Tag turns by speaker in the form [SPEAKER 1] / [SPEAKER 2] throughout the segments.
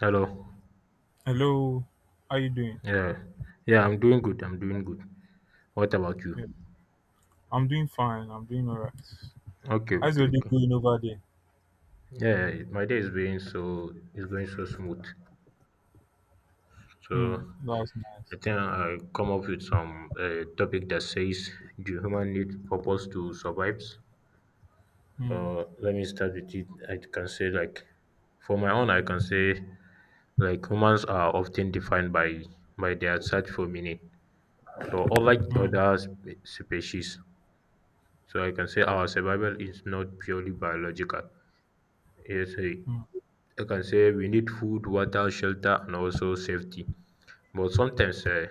[SPEAKER 1] Hello.
[SPEAKER 2] Hello, how you doing?
[SPEAKER 1] Yeah. Yeah, I'm doing good. I'm doing good. What about you?
[SPEAKER 2] Yeah, I'm doing fine. I'm doing all right.
[SPEAKER 1] Okay,
[SPEAKER 2] How's
[SPEAKER 1] okay,
[SPEAKER 2] your day
[SPEAKER 1] okay.
[SPEAKER 2] going over there?
[SPEAKER 1] Yeah, my day is being so is going so smooth.
[SPEAKER 2] Hmm,
[SPEAKER 1] So
[SPEAKER 2] that's
[SPEAKER 1] I
[SPEAKER 2] nice.
[SPEAKER 1] think I come up with some topic that says, "Do human need purpose to survive?"
[SPEAKER 2] Hmm,
[SPEAKER 1] So let me start with it. I can say, like, for my own, I can say like humans are often defined by their search for meaning. So unlike
[SPEAKER 2] hmm,
[SPEAKER 1] other species, so I can say our survival is not purely biological. Yes, I
[SPEAKER 2] hmm,
[SPEAKER 1] I can say we need food, water, shelter, and also safety. But sometimes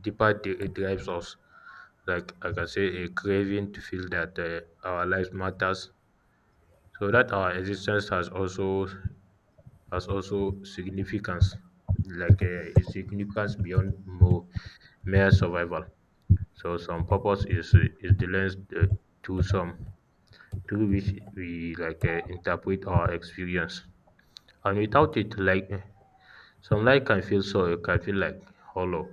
[SPEAKER 1] it drives us. Like I can say, a craving to feel that our life matters, so that our existence has also significance, like a significance beyond more mere survival. So some purpose is the lens to some through which we, like interpret our experience. And without it, like some life can feel so it can feel like hollow.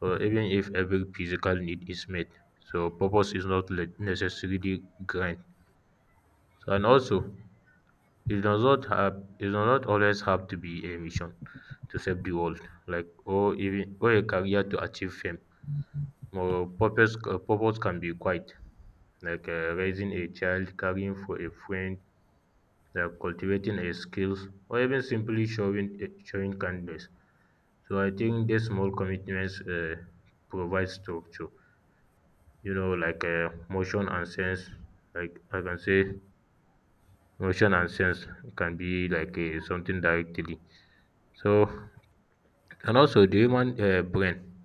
[SPEAKER 1] So even if every physical need is met, so purpose is not le- necessarily grand. So, and also, it does not always have to be a mission to save the world, like, or even, or a career to achieve fame. More purpose purpose can be quite like raising a child, caring for a friend, like cultivating a skills, or even simply showing kindness. So I think these small commitments provide structure, you know, like motion and sense. Like I can say, motion and sense can be like something directly. So and also the human brain.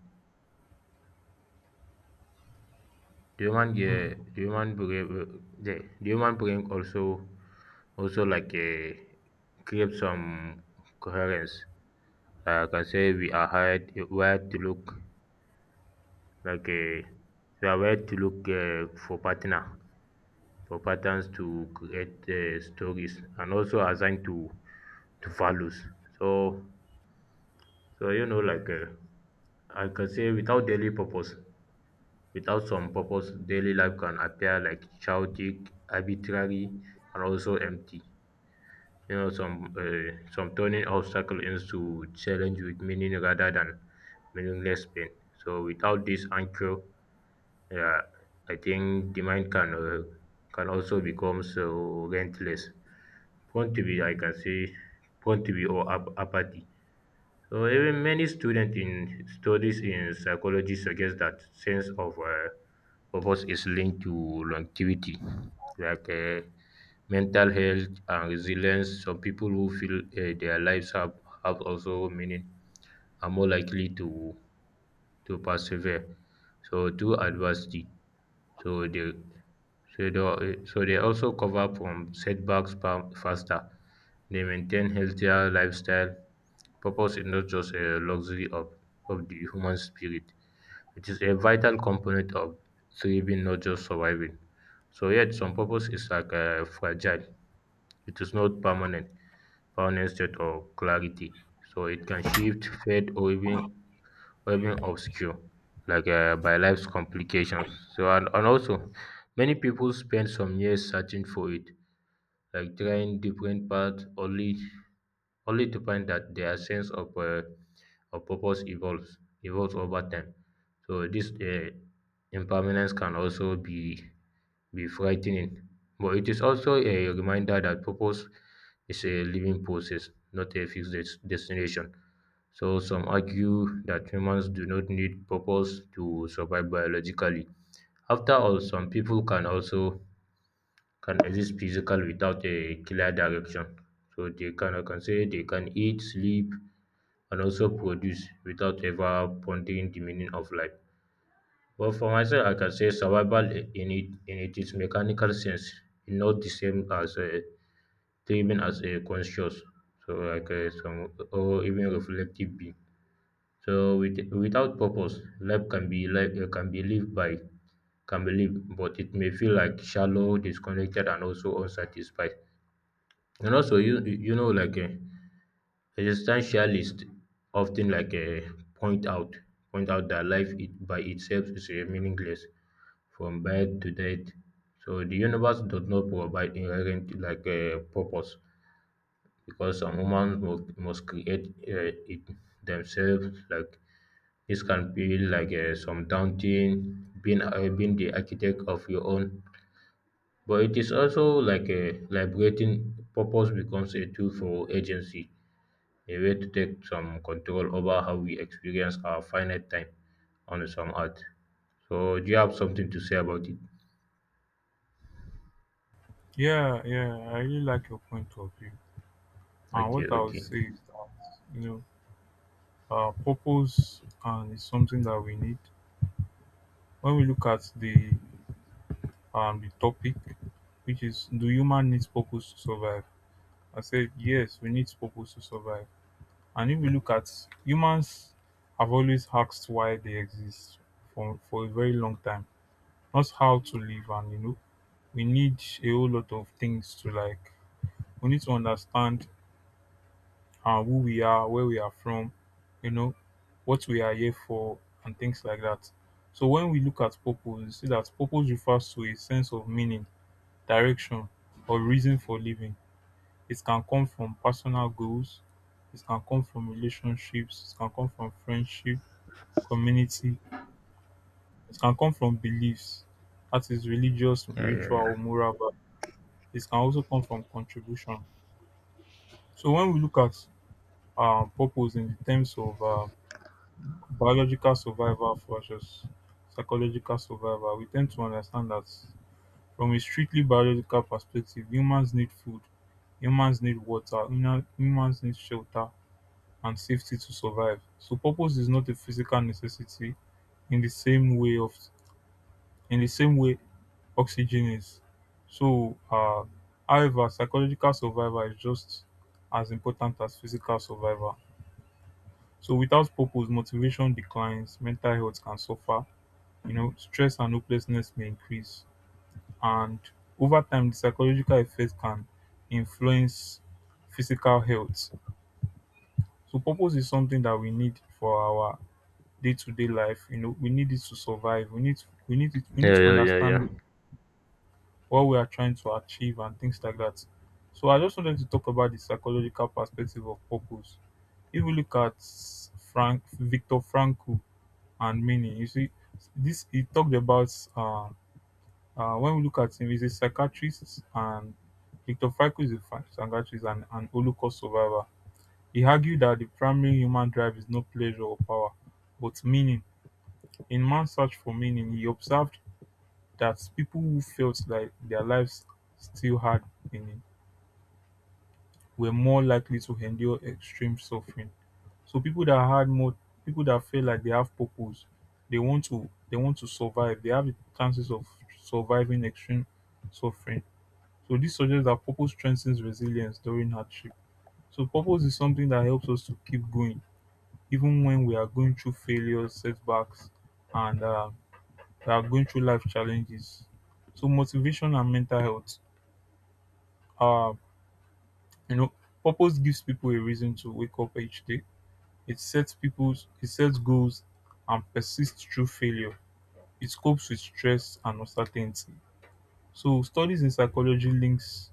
[SPEAKER 1] Do you want yeah,
[SPEAKER 2] hmm.
[SPEAKER 1] do you want bring, yeah, do you want bring also also like create some coherence? Like I can say we are hired where to look like we are where to look for patterns to create stories and also assign to values. So so you know like I can say without daily purpose Without some purpose, daily life can appear like chaotic, arbitrary, and also empty. You know, some turning obstacle into challenge with meaning rather than meaningless pain. So without this anchor, yeah, I think the mind can also become so relentless, prone to be, I can say, prone to be or apathy. So even many students in studies in psychology suggest that sense of purpose is linked to longevity, like mental health and resilience. Some people who feel their have also meaning are more likely to persevere. So through adversity. So they, so they, so they also cover from setbacks faster. They maintain healthier lifestyle. Purpose is not just a luxury of the human spirit. It is a vital component of thriving, not just surviving. So yet some purpose is like fragile. It is not permanent, permanent state or clarity. So it can shift, fade, or even obscure, like by life's complications. So, and also, many people spend some years searching for it, like trying different paths, only to find that their sense of purpose evolves over time. So, this impermanence can also be frightening, but it is also a reminder that purpose is a living process, not a fixed destination. So, some argue that humans do not need purpose to survive biologically. After all, some people can exist physical without a clear direction. So they can, I can say, they can eat, sleep, and also produce without ever pondering the meaning of life. But for myself, I can say survival in it is mechanical sense, is not the same as living as a conscious, so like some or even reflective being. So without purpose, life can be like can be lived, but it may feel like shallow, disconnected, and also unsatisfied. And also, you know, like existentialists often like point out point out that life it, by itself is meaningless, from birth to death. So the universe does not provide inherent like purpose because some humans must create it themselves. Like this can feel like some daunting being the architect of your own, but it is also like a liberating purpose becomes a tool for agency, a way to take some control over how we experience our finite time on some art. So, do you have something to say about it?
[SPEAKER 2] Yeah, yeah. I really like your point of view. And
[SPEAKER 1] Okay,
[SPEAKER 2] what I would
[SPEAKER 1] okay.
[SPEAKER 2] say is that you purpose and is something that we need. When we look at the topic, which is do human needs purpose to survive? I said yes, we need purpose to survive. And if we look at humans have always asked why they exist for a very long time, not how to live. And you know, we need a whole lot of things to like. We need to understand who we are, where we are from, you know, what we are here for, and things like that. So when we look at purpose, you see that purpose refers to a sense of meaning, direction, or reason for living. It can come from personal goals. It can come from relationships. It can come from friendship community. It can come from beliefs, that is religious,
[SPEAKER 1] Yeah, yeah,
[SPEAKER 2] spiritual,
[SPEAKER 1] yeah.
[SPEAKER 2] or moral value. It can also come from contribution. So when we look at purpose in terms of biological survival versus psychological survival, we tend to understand that from a strictly biological perspective, humans need food, humans need water, humans need shelter and safety to survive. So purpose is not a physical necessity in the same way of in the same way oxygen is. So, however, psychological survival is just as important as physical survival. So, without purpose, motivation declines, mental health can suffer, you know, stress and hopelessness may increase. And over time, the psychological effect can influence physical health. So, purpose is something that we need for our day to day life. You know, we need it to survive, we need
[SPEAKER 1] Yeah,
[SPEAKER 2] to
[SPEAKER 1] yeah, yeah, yeah.
[SPEAKER 2] understand what we are trying to achieve and things like that. So I just wanted to talk about the psychological perspective of purpose. If we look at Frank Victor Frankl and meaning, you see, this he talked about when we look at him, he's a psychiatrist and Victor Frankl is a psychiatrist and an Holocaust survivor. He argued that the primary human drive is not pleasure or power, but meaning. In man's search for meaning, he observed that people who felt like their lives still had meaning were more likely to endure extreme suffering. So people that feel like they have purpose, they want to survive. They have the chances of surviving extreme suffering. So this suggests that purpose strengthens resilience during hardship. So purpose is something that helps us to keep going even when we are going through failures, setbacks, and we are going through life challenges. So motivation and mental health. Uh, you know, purpose gives people a reason to wake up each day. It sets goals and persists through failure. It copes with stress and uncertainty. So studies in psychology links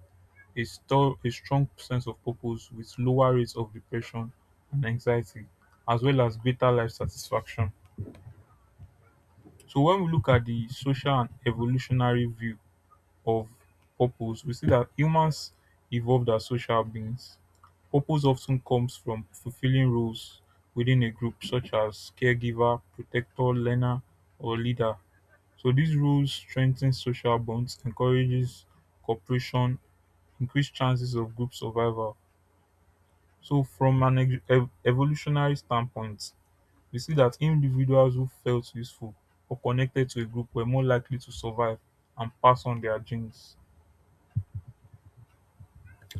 [SPEAKER 2] a strong sense of purpose with lower rates of depression and anxiety, as well as greater life satisfaction. So when we look at the social and evolutionary view, of purpose, we see that humans evolved as social beings. Purpose often comes from fulfilling roles within a group, such as caregiver, protector, learner, or leader. So these roles strengthen social bonds, encourages cooperation, increase chances of group survival. So from an evolutionary standpoint, we see that individuals who felt useful or connected to a group were more likely to survive and pass on their genes.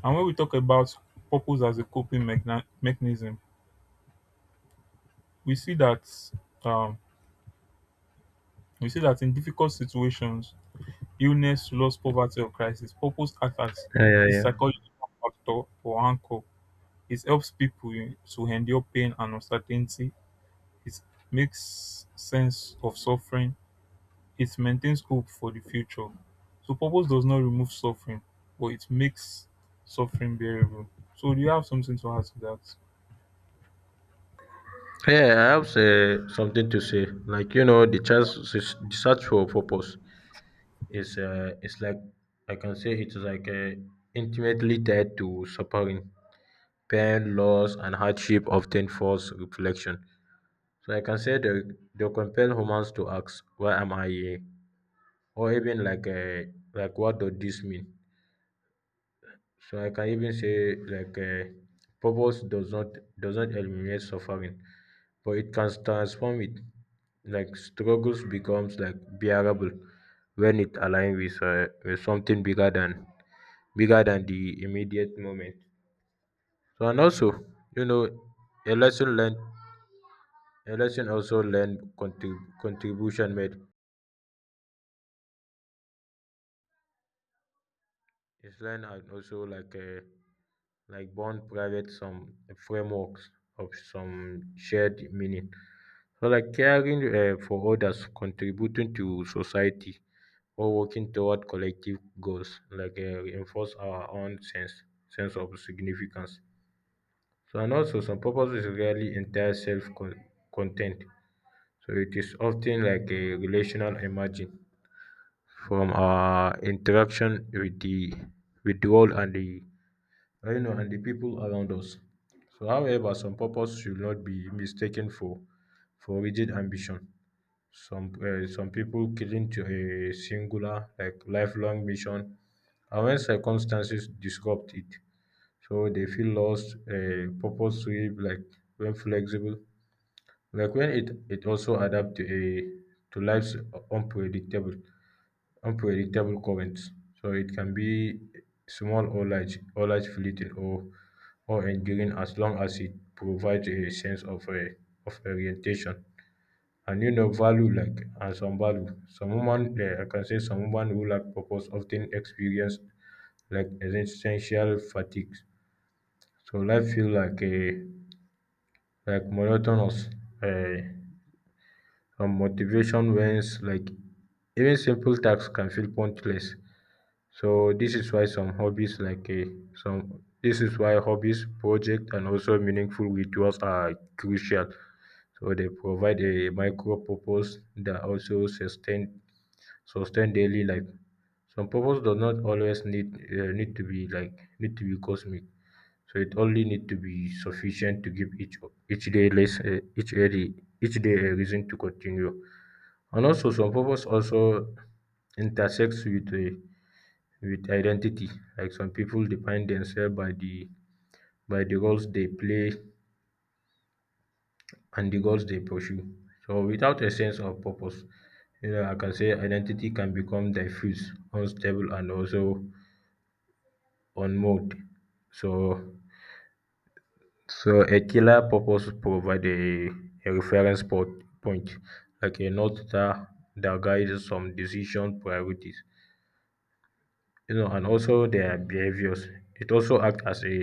[SPEAKER 2] And when we talk about purpose as a coping mechanism, we see that um, we see that in difficult situations, illness, loss, poverty, or crisis, purpose acts as
[SPEAKER 1] Yeah, yeah,
[SPEAKER 2] a
[SPEAKER 1] yeah.
[SPEAKER 2] psychological factor or anchor. It helps people to endure pain and uncertainty. It makes sense of suffering. It maintains hope for the future. So purpose does not remove suffering, but it makes suffering bearable. So do you have something to add to that?
[SPEAKER 1] Yeah, I have something to say. Like you know, the search for purpose is it's like I can say it's like intimately tied to suffering, pain, loss, and hardship, often force reflection. So I can say they compel humans to ask, "Why am I here? Or even like what does this mean?" So I can even say like purpose does not eliminate suffering, but it can transform it. Like struggles becomes like bearable when it aligns with something bigger than the immediate moment. So and also, you know, a lesson learned, a lesson also learned contribution made. Islam had also like born private some frameworks of some shared meaning. So like caring for others, contributing to society, or working toward collective goals, like reinforce our own sense of significance. So and also some purpose is rarely entire self content. So it is often like a relational emerging from our interaction with the world and the you know, and the people around us. So, however, some purpose should not be mistaken for rigid ambition. Some people cling to a singular, like lifelong mission, and when circumstances disrupt it, so they feel lost. A purpose sweep, like when flexible, like when it also adapt to life's unpredictable unpredictable currents. So it can be small or large fleeting or enduring as long as it provides a sense of orientation. And you know, value like and some value. Some women I can say some women who lack purpose often experience like existential fatigue. So life feel like a like monotonous uh, and motivation wanes like even simple tasks can feel pointless. So this is why some hobbies like a some this is why hobbies, project, and also meaningful rituals are crucial. So they provide a micro purpose that also sustain daily life. Some purpose does not always need need to be like need to be cosmic. So it only need to be sufficient to give each day less each day a reason to continue. And also some purpose also intersects with a with identity like some people define themselves by the roles they play and the goals they pursue. So without a sense of purpose, you know, I can say identity can become diffuse, unstable, and also unmoored. So so a clear purpose provide a reference po point like a north star that guides some decision, priorities, you know, and also their behaviours. It also acts as a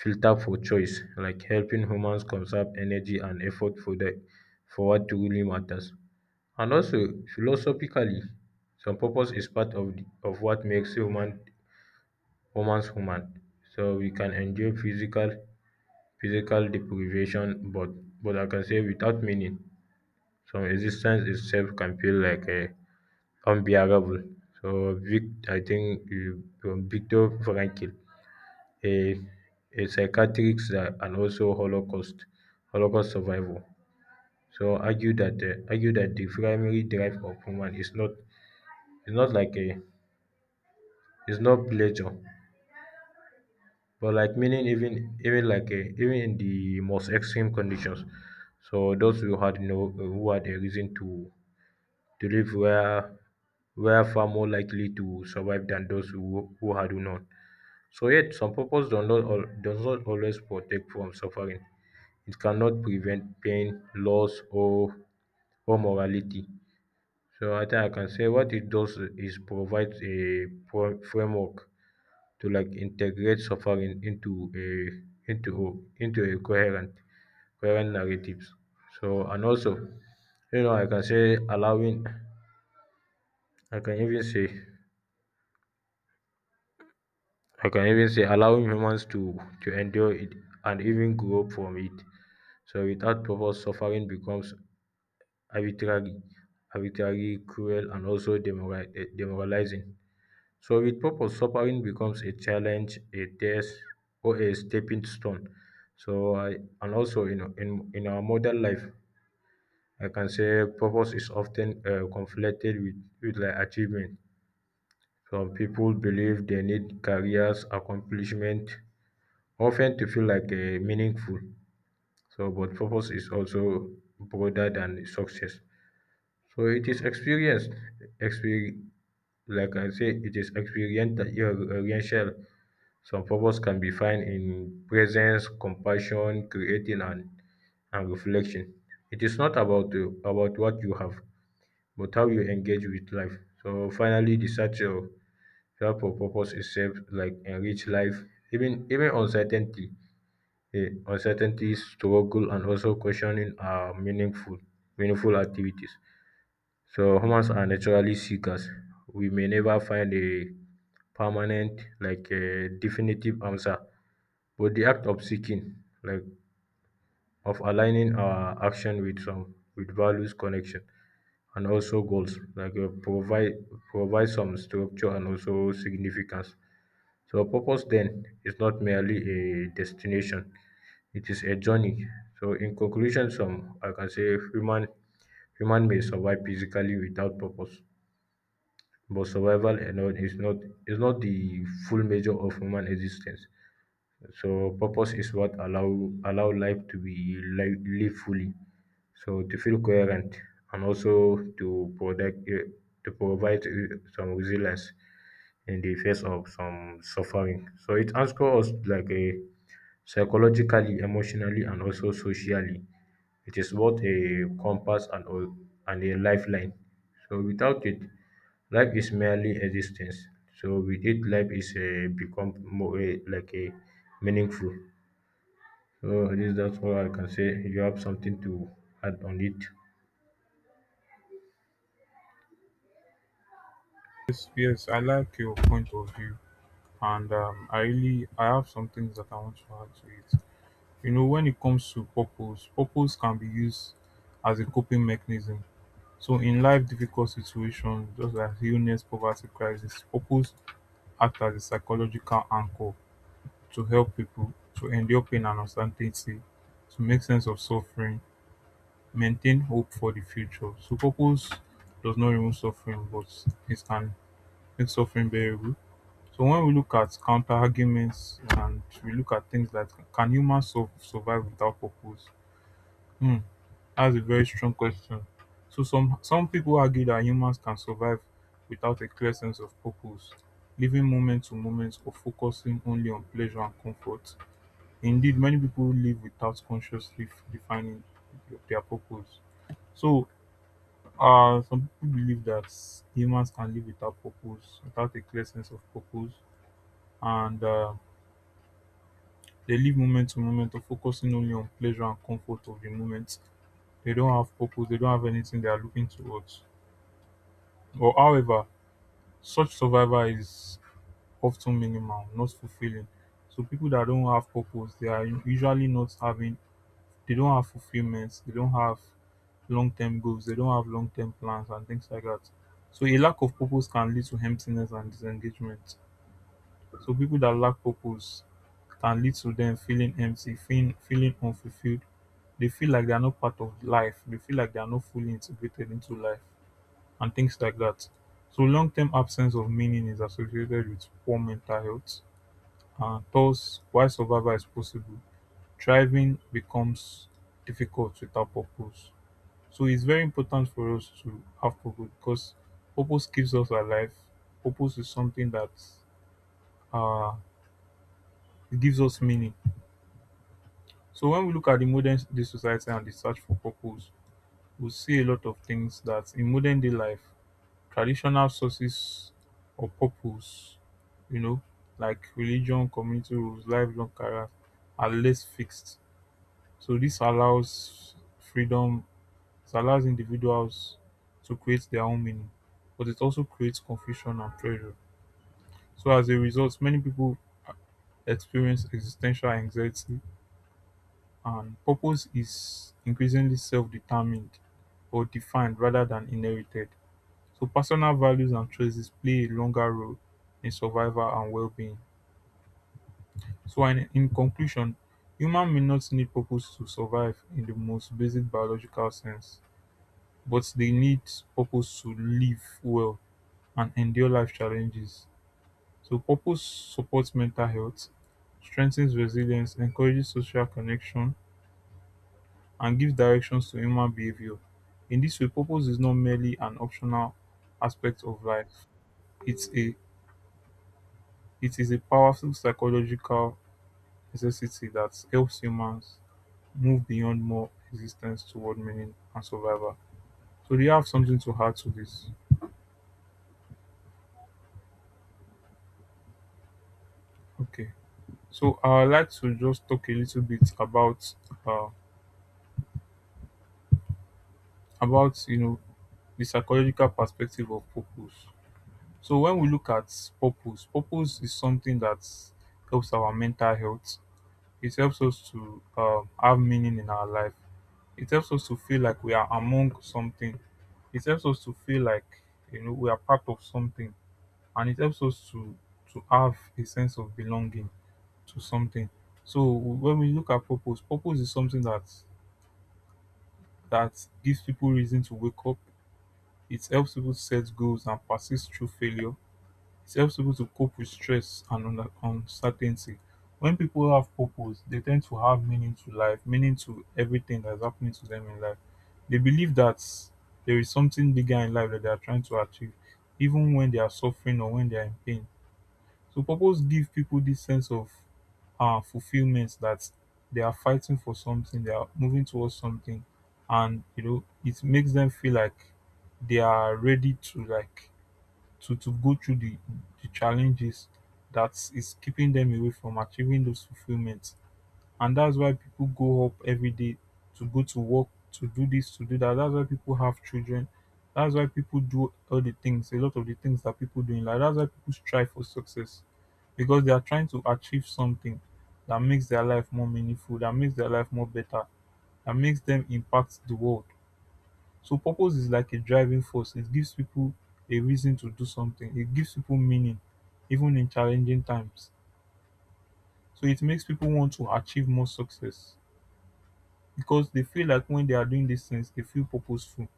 [SPEAKER 1] filter for choice like helping humans conserve energy and effort for the for what truly matters. And also philosophically, some purpose is part of the, of what makes humans human. So we can endure physical deprivation, but I can say without meaning, some existence itself can feel like a unbearable. So Vic, I think you, from Victor Frankl, a a psychiatrist and also Holocaust survivor, so argue that the primary drive of human is not like a is not pleasure, but like meaning, even even in the most extreme conditions. So those who had no who had a reason to live were far more likely to survive than those who had none. So yet some purpose does not al does not always protect from suffering. It cannot prevent pain, loss, or morality. So I think I can say what it does is provides a pro framework to like integrate suffering into a into a coherent narratives. So and also you know I can say allowing I can even say I can even say allowing humans to endure it and even grow from it. So without purpose, suffering becomes arbitrary, cruel, and also demoralizing. So with purpose, suffering becomes a challenge, a test, or a stepping stone. So I and also in our modern life, I can say purpose is often conflated with like achievement. Some people believe they need careers, accomplishment, often to feel like meaningful. So, but purpose is also broader than success. So it is experience, exper- like I say, it is experiential. Some purpose can be found in presence, compassion, creating, and reflection. It is not about about what you have, but how you engage with life. So finally, the search for purpose itself, like enrich life, even uncertainty, uncertainty, struggle, and also questioning are meaningful activities. So humans are naturally seekers. We may never find a permanent, like a definitive answer, but the act of seeking, like of aligning our action with some with values, connection, and also goals, like provide some structure and also significance. So purpose then is not merely a destination; it is a journey. So in conclusion, some I can say human human may survive physically without purpose, but survival alone is not the full measure of human existence. So purpose is what allow life to be lived fully. So to feel coherent and also to protect to provide some resilience in the face of some suffering. So it anchors us like a psychologically, emotionally, and also socially. It is both a compass and a lifeline. So without it, life is merely existence. So with it, life is become more like a meaningful. So I guess that's all I can say. You have something to add on it?
[SPEAKER 2] Yes, yes, I like your point of view, and I have some things that I want to add to it. You know, when it comes to purpose, purpose can be used as a coping mechanism. So, in life, difficult situations, just like illness, poverty, crisis, purpose acts as a psychological anchor to help people to endure pain and uncertainty, to make sense of suffering, maintain hope for the future. So, purpose does not remove suffering, but it can make suffering bearable. So when we look at counter arguments and we look at things like can humans survive without purpose? Hmm, that's a very strong question. So some people argue that humans can survive without a clear sense of purpose, living moment to moment or focusing only on pleasure and comfort. Indeed, many people live without consciously defining their purpose. So some people believe that humans can live without purpose, without a clear sense of purpose, and they live moment to moment of focusing only on pleasure and comfort of the moment. They don't have purpose, they don't have anything they are looking towards. Or however, such survival is often minimal, not fulfilling. So people that don't have purpose, they are usually not having they don't have fulfillment, they don't have long term goals, they don't have long term plans and things like that. So a lack of purpose can lead to emptiness and disengagement. So people that lack purpose can lead to them feeling empty, feeling unfulfilled. They feel like they are not part of life. They feel like they are not fully integrated into life and things like that. So long-term absence of meaning is associated with poor mental health. And thus, while survival is possible, thriving becomes difficult without purpose. So it's very important for us to have purpose because purpose keeps us alive. Purpose is something that uh, gives us meaning. So when we look at the modern day society and the search for purpose, we see a lot of things that in modern day life, traditional sources of purpose, you know, like religion, community rules, lifelong careers, are less fixed. So this allows freedom, it allows individuals to create their own meaning, but it also creates confusion and pressure. So as a result, many people experience existential anxiety. And purpose is increasingly self-determined or defined rather than inherited. So personal values and choices play a longer role in survival and well-being. So in conclusion, human may not need purpose to survive in the most basic biological sense, but they need purpose to live well and endure life challenges. So purpose supports mental health, strengthens resilience, encourages social connection, and gives directions to human behavior. In this way, purpose is not merely an optional aspect of life. It's a it is a powerful psychological necessity that helps humans move beyond mere existence toward meaning and survival. So do you have something to add to this? Okay. So I'd like to just talk a little bit uh, about you know the psychological perspective of purpose. So when we look at purpose, purpose is something that helps our mental health. It helps us to have meaning in our life. It helps us to feel like we are among something. It helps us to feel like you know we are part of something, and it helps us to have a sense of belonging to something. So when we look at purpose, purpose is something that gives people reason to wake up. It helps people set goals and persist through failure. It helps people to cope with stress and uncertainty. When people have purpose, they tend to have meaning to life, meaning to everything that's happening to them in life. They believe that there is something bigger in life that they are trying to achieve, even when they are suffering or when they are in pain. So, purpose gives people this sense of fulfillment that they are fighting for something, they are moving towards something, and you know, it makes them feel like they are ready to like to go through the challenges that is keeping them away from achieving those fulfillments. And that's why people go up every day to go to work, to do this, to do that. That's why people have children. That's why people do a lot of the things that people do in life. That's why people strive for success because they are trying to achieve something that makes their life more meaningful, that makes their life more better, that makes them impact the world. So purpose is like a driving force. It gives people a reason to do something. It gives people meaning, even in challenging times. So it makes people want to achieve more success because they feel like when they are doing these things, they feel purposeful.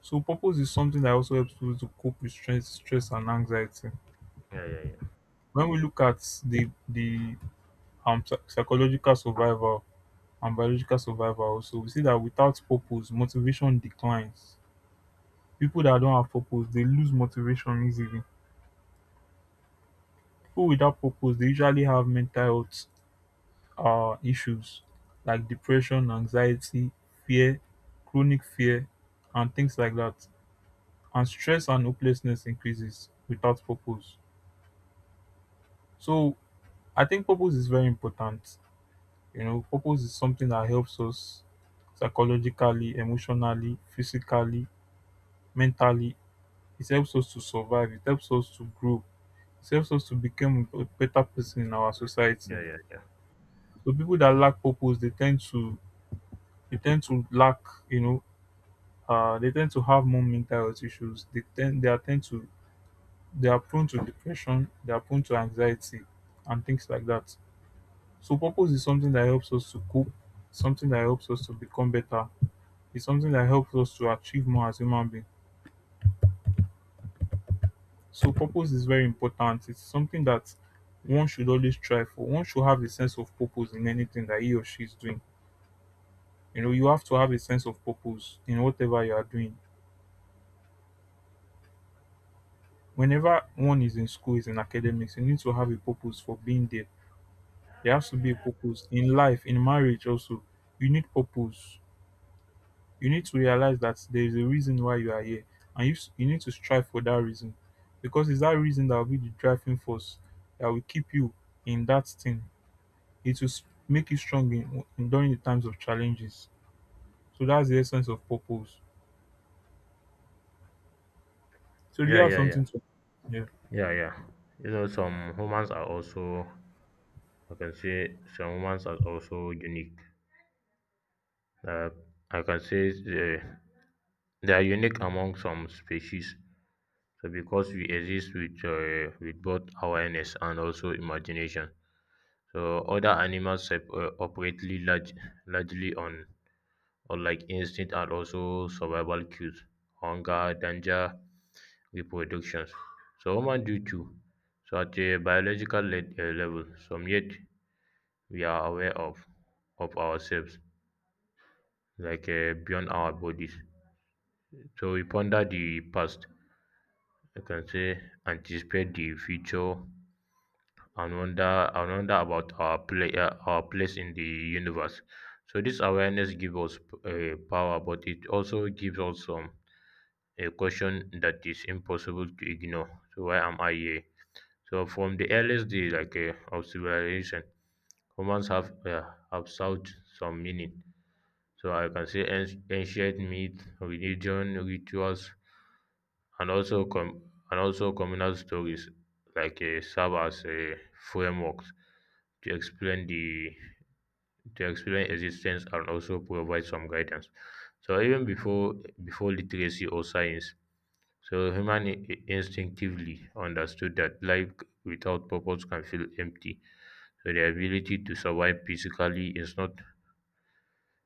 [SPEAKER 2] So purpose is something that also helps people to cope with stress, stress and anxiety.
[SPEAKER 1] Yeah, yeah, yeah,
[SPEAKER 2] When we look at the psychological survival and biological survival, also we see that without purpose, motivation declines. People that don't have purpose, they lose motivation easily. People without purpose they usually have mental health issues like depression, anxiety, fear, chronic fear, and things like that. And stress and hopelessness increases without purpose. So I think purpose is very important. You know, purpose is something that helps us psychologically, emotionally, physically, mentally. It helps us to survive. It helps us to grow. It helps us to become a better person in our society.
[SPEAKER 1] yeah, yeah, yeah,
[SPEAKER 2] So people that lack purpose, they tend to lack, you know, they tend to have more mental health issues. They tend they are tend to they are prone to depression, they are prone to anxiety and things like that. So purpose is something that helps us to cope, something that helps us to become better, it's something that helps us to achieve more as human beings. So purpose is very important. It's something that one should always try for. One should have a sense of purpose in anything that he or she is doing. You know, you have to have a sense of purpose in whatever you are doing. Whenever one is in school, is in academics, you need to have a purpose for being there. There has to be a purpose in life, in marriage also, you need purpose. You need to realize that there is a reason why you are here, and you need to strive for that reason, because it's that reason that will be the driving force that will keep you in that thing. It will make you strong in during the times of challenges. So that's the essence of purpose. So do you
[SPEAKER 1] yeah,
[SPEAKER 2] have
[SPEAKER 1] yeah, yeah,
[SPEAKER 2] something to? Yeah,
[SPEAKER 1] yeah, yeah. You know, some humans are also, I can say, some humans are also unique. uh, I can say they are unique among some species, so because we exist with both awareness and also imagination. So other animals operately largely on like instinct and also survival cues, hunger, danger, reproductions. So human do too. So at a biological level, some yet we are aware of ourselves, like beyond our bodies. So we ponder the past, I can say, anticipate the future, and wonder about our place in the universe. So this awareness gives us power, but it also gives us some a question that is impossible to ignore. So why am I here? So from the earliest day, like of civilization, humans have sought some meaning. So I can say ancient myth, religion, rituals, and also and also communal stories like serve as frameworks to explain the to explain existence and also provide some guidance. So even before literacy or science, so human instinctively understood that life without purpose can feel empty. So the ability to survive physically is not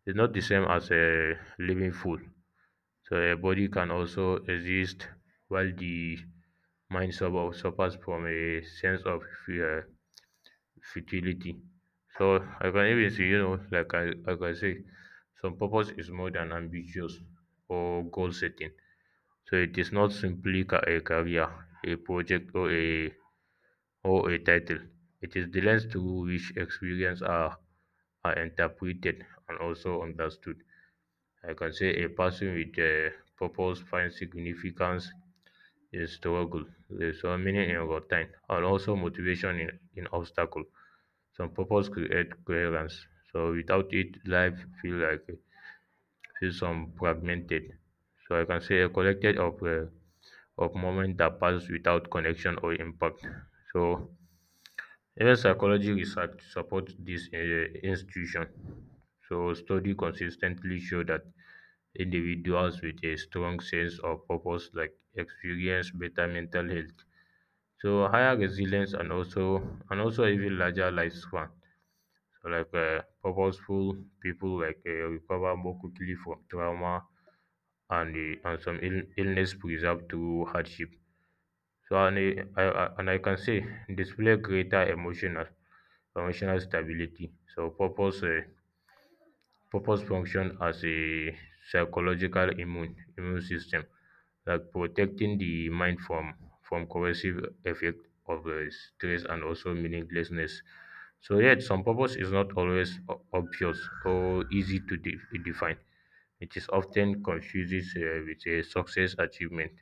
[SPEAKER 1] is not the same as a living full. So a body can also exist while the mind suffers from a sense of uh, futility. So I can even say, you know, like I can say, some purpose is more than ambitious or goal setting. So it is not simply a career, a project, or a title. It is the lens through which experience are interpreted and also understood. I can say a person with a purpose finds significance in struggle, there's so meaning in routine, and also motivation in obstacle. Some purpose create coherence, so without it, life feel some fragmented. So I can say a collected of moments that pass without connection or impact. So even psychology research supports this institution. So study consistently show that individuals with a strong sense of purpose like experience better mental health, so higher resilience and also even larger lifespan, like purposeful people like recover more quickly from trauma and some illness preserved through hardship. So and I can say display greater emotional stability. So Purpose function as a psychological immune system, like protecting the mind from corrosive effect of stress and also meaninglessness. So yet, some purpose is not always obvious or easy to define. It is often confused with a success, achievement,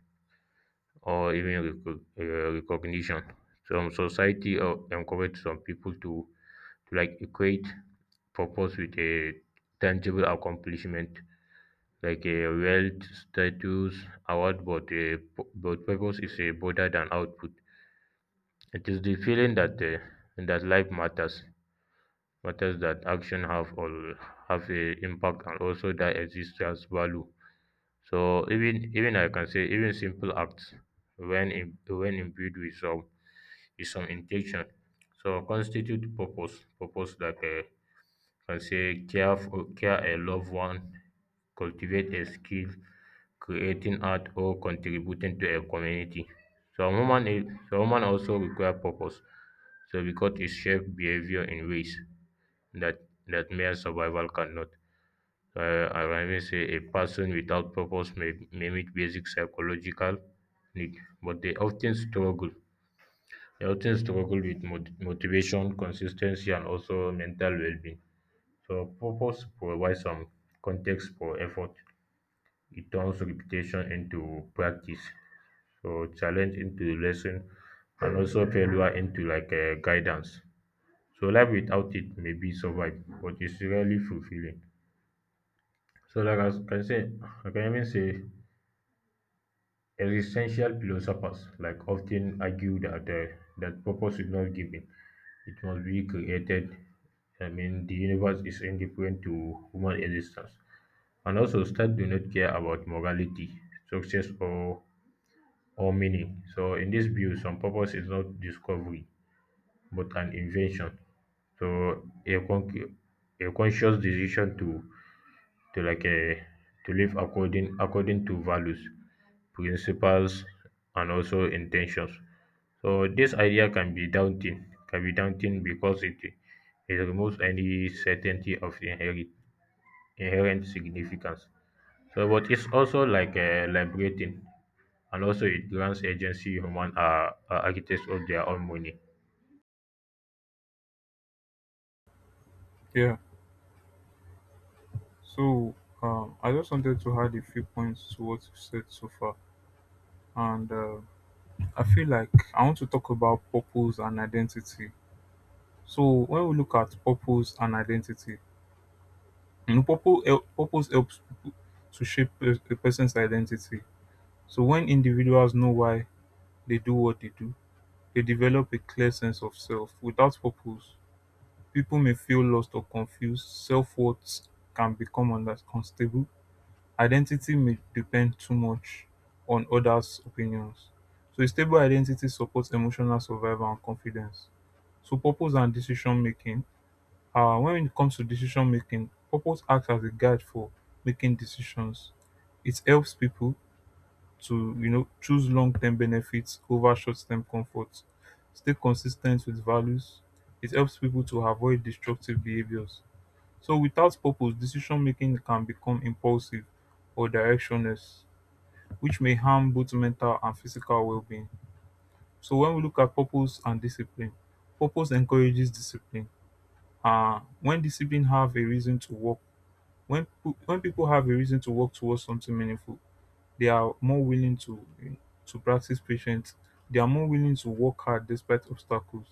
[SPEAKER 1] or even recognition. Some society encourage some people to like equate purpose with a tangible accomplishment like a wealth, status, award, but purpose is a broader than output. It is the feeling that that life matters that action have a impact, and also that exists as value. So even even I can say even simple acts when when imbued with some intention, so constitute purpose like a can say care for, care a loved one, cultivate a skill, creating art or contributing to a community. So so human also require purpose, so because it shapes behavior in ways that that mere survival cannot. I will always say a person without purpose may meet basic psychological need, but they often struggle. They often struggle with motivation, consistency, and also mental well-being. So purpose provides some context for effort. It turns repetition into practice. So challenge into lesson, and also failure into like guidance. So life without it may be survive, but it's really fulfilling. So I can even say existential philosophers like often argue that that purpose is not given; it must be created. I mean, the universe is indifferent to human existence, and also start do not care about morality, success, or meaning. So, in this view, some purpose is not discovery but an invention. So, a conscious decision to to like uh, to live according to values, principles, and also intentions. So this idea can be daunting because it removes any certainty of inherent significance. So, but it's also like liberating, and also it grants agency human are architects of their own money.
[SPEAKER 2] yeah. So I just wanted to add a few points to what you said so far, and I feel like I want to talk about purpose and identity. So when we look at purpose and identity, you know, purpose helps people to shape a person's identity. So when individuals know why they do what they do, they develop a clear sense of self. Without purpose, people may feel lost or confused. Self worth can become unstable. Identity may depend too much on others' opinions, so a stable identity supports emotional survival and confidence. So purpose and decision making. When it comes to decision making, purpose acts as a guide for making decisions. It helps people to, you know, choose long-term benefits over short-term comfort, stay consistent with values. It helps people to avoid destructive behaviors. So without purpose, decision-making can become impulsive or directionless, which may harm both mental and physical well-being. So when we look at purpose and discipline, purpose encourages discipline. When discipline have a reason to work, when people have a reason to work towards something meaningful, they are more willing to practice patience. They are more willing to work hard despite obstacles.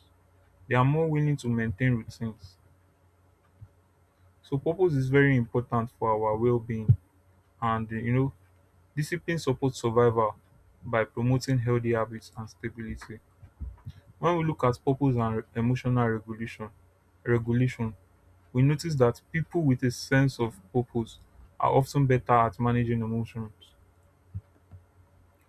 [SPEAKER 2] They are more willing to maintain routines. So purpose is very important for our well-being, and you know, discipline supports survival by promoting healthy habits and stability. When we look at emotional regulation, we notice that people with a sense of purpose are often better at managing emotions.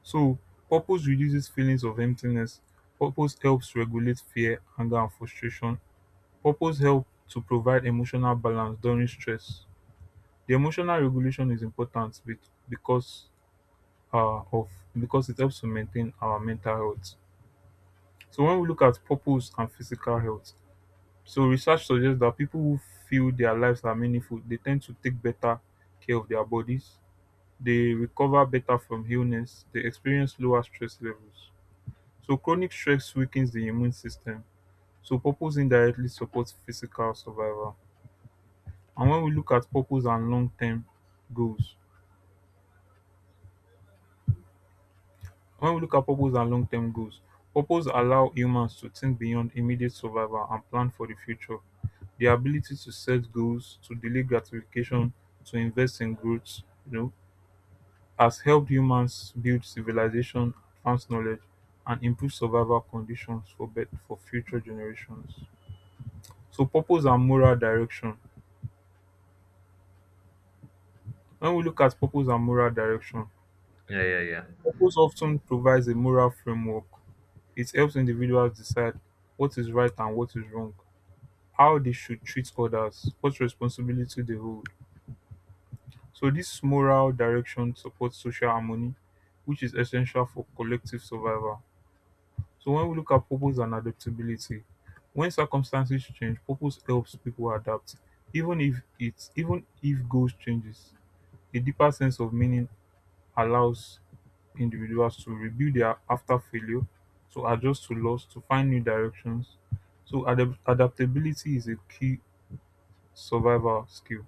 [SPEAKER 2] So purpose reduces feelings of emptiness, purpose helps regulate fear, anger and frustration, purpose helps to provide emotional balance during stress. The emotional regulation is important because uh, of because it helps to maintain our mental health. So when we look at purpose and physical health, so research suggests that people who feel their lives are meaningful, they tend to take better care of their bodies, they recover better from illness, they experience lower stress levels. So chronic stress weakens the immune system. So purpose indirectly supports physical survival. And goals, when we look at purpose and long-term goals, purpose allow humans to think beyond immediate survival and plan for the future. The ability to set goals, to delay gratification, to invest in growth, you know, has helped humans build civilization, advance knowledge, and improve survival conditions for for future generations. So, purpose and moral direction. When we look at purpose and moral direction,
[SPEAKER 1] Yeah, yeah, yeah,
[SPEAKER 2] purpose often provides a moral framework. It helps individuals decide what is right and what is wrong, how they should treat others, what responsibility they hold. So this moral direction supports social harmony, which is essential for collective survival. So when we look at purpose and adaptability, when circumstances change, purpose helps people adapt. Even if goals changes, a deeper sense of meaning allows individuals to rebuild their after failure, to adjust to loss, to find new directions. So adaptability is a key survival skill.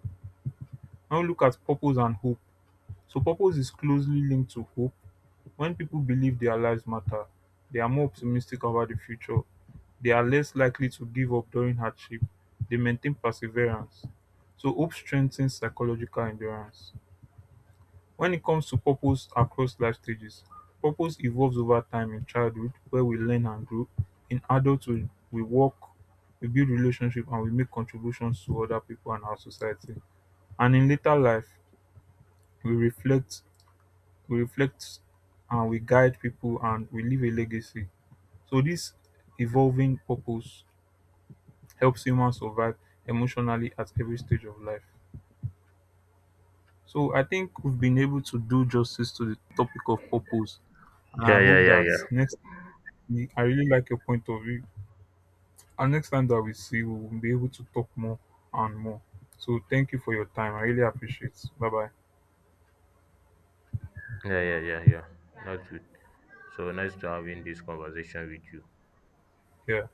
[SPEAKER 2] Now we look at purpose and hope. So purpose is closely linked to hope. When people believe their lives matter, they are more optimistic about the future, they are less likely to give up during hardship, they maintain perseverance. So, hope strengthens psychological endurance. When it comes to purpose across life stages, purpose evolves over time. In childhood, where we learn and grow. In adulthood, we work, we build relationships, and we make contributions to other people and our society. And in later life, we reflect, we reflect, and we guide people, and we leave a legacy. So this evolving purpose helps humans survive emotionally at every stage of life. So I think we've been able to do justice to the topic of purpose. And
[SPEAKER 1] yeah,
[SPEAKER 2] I
[SPEAKER 1] yeah,
[SPEAKER 2] hope
[SPEAKER 1] yeah,
[SPEAKER 2] that
[SPEAKER 1] yeah,
[SPEAKER 2] next. I really like your point of view. And next time that we see we will be able to talk more and more. So thank you for your time. I really appreciate. Bye bye.
[SPEAKER 1] yeah, yeah, yeah, yeah. That's good. So nice to having this conversation with you.
[SPEAKER 2] Yeah.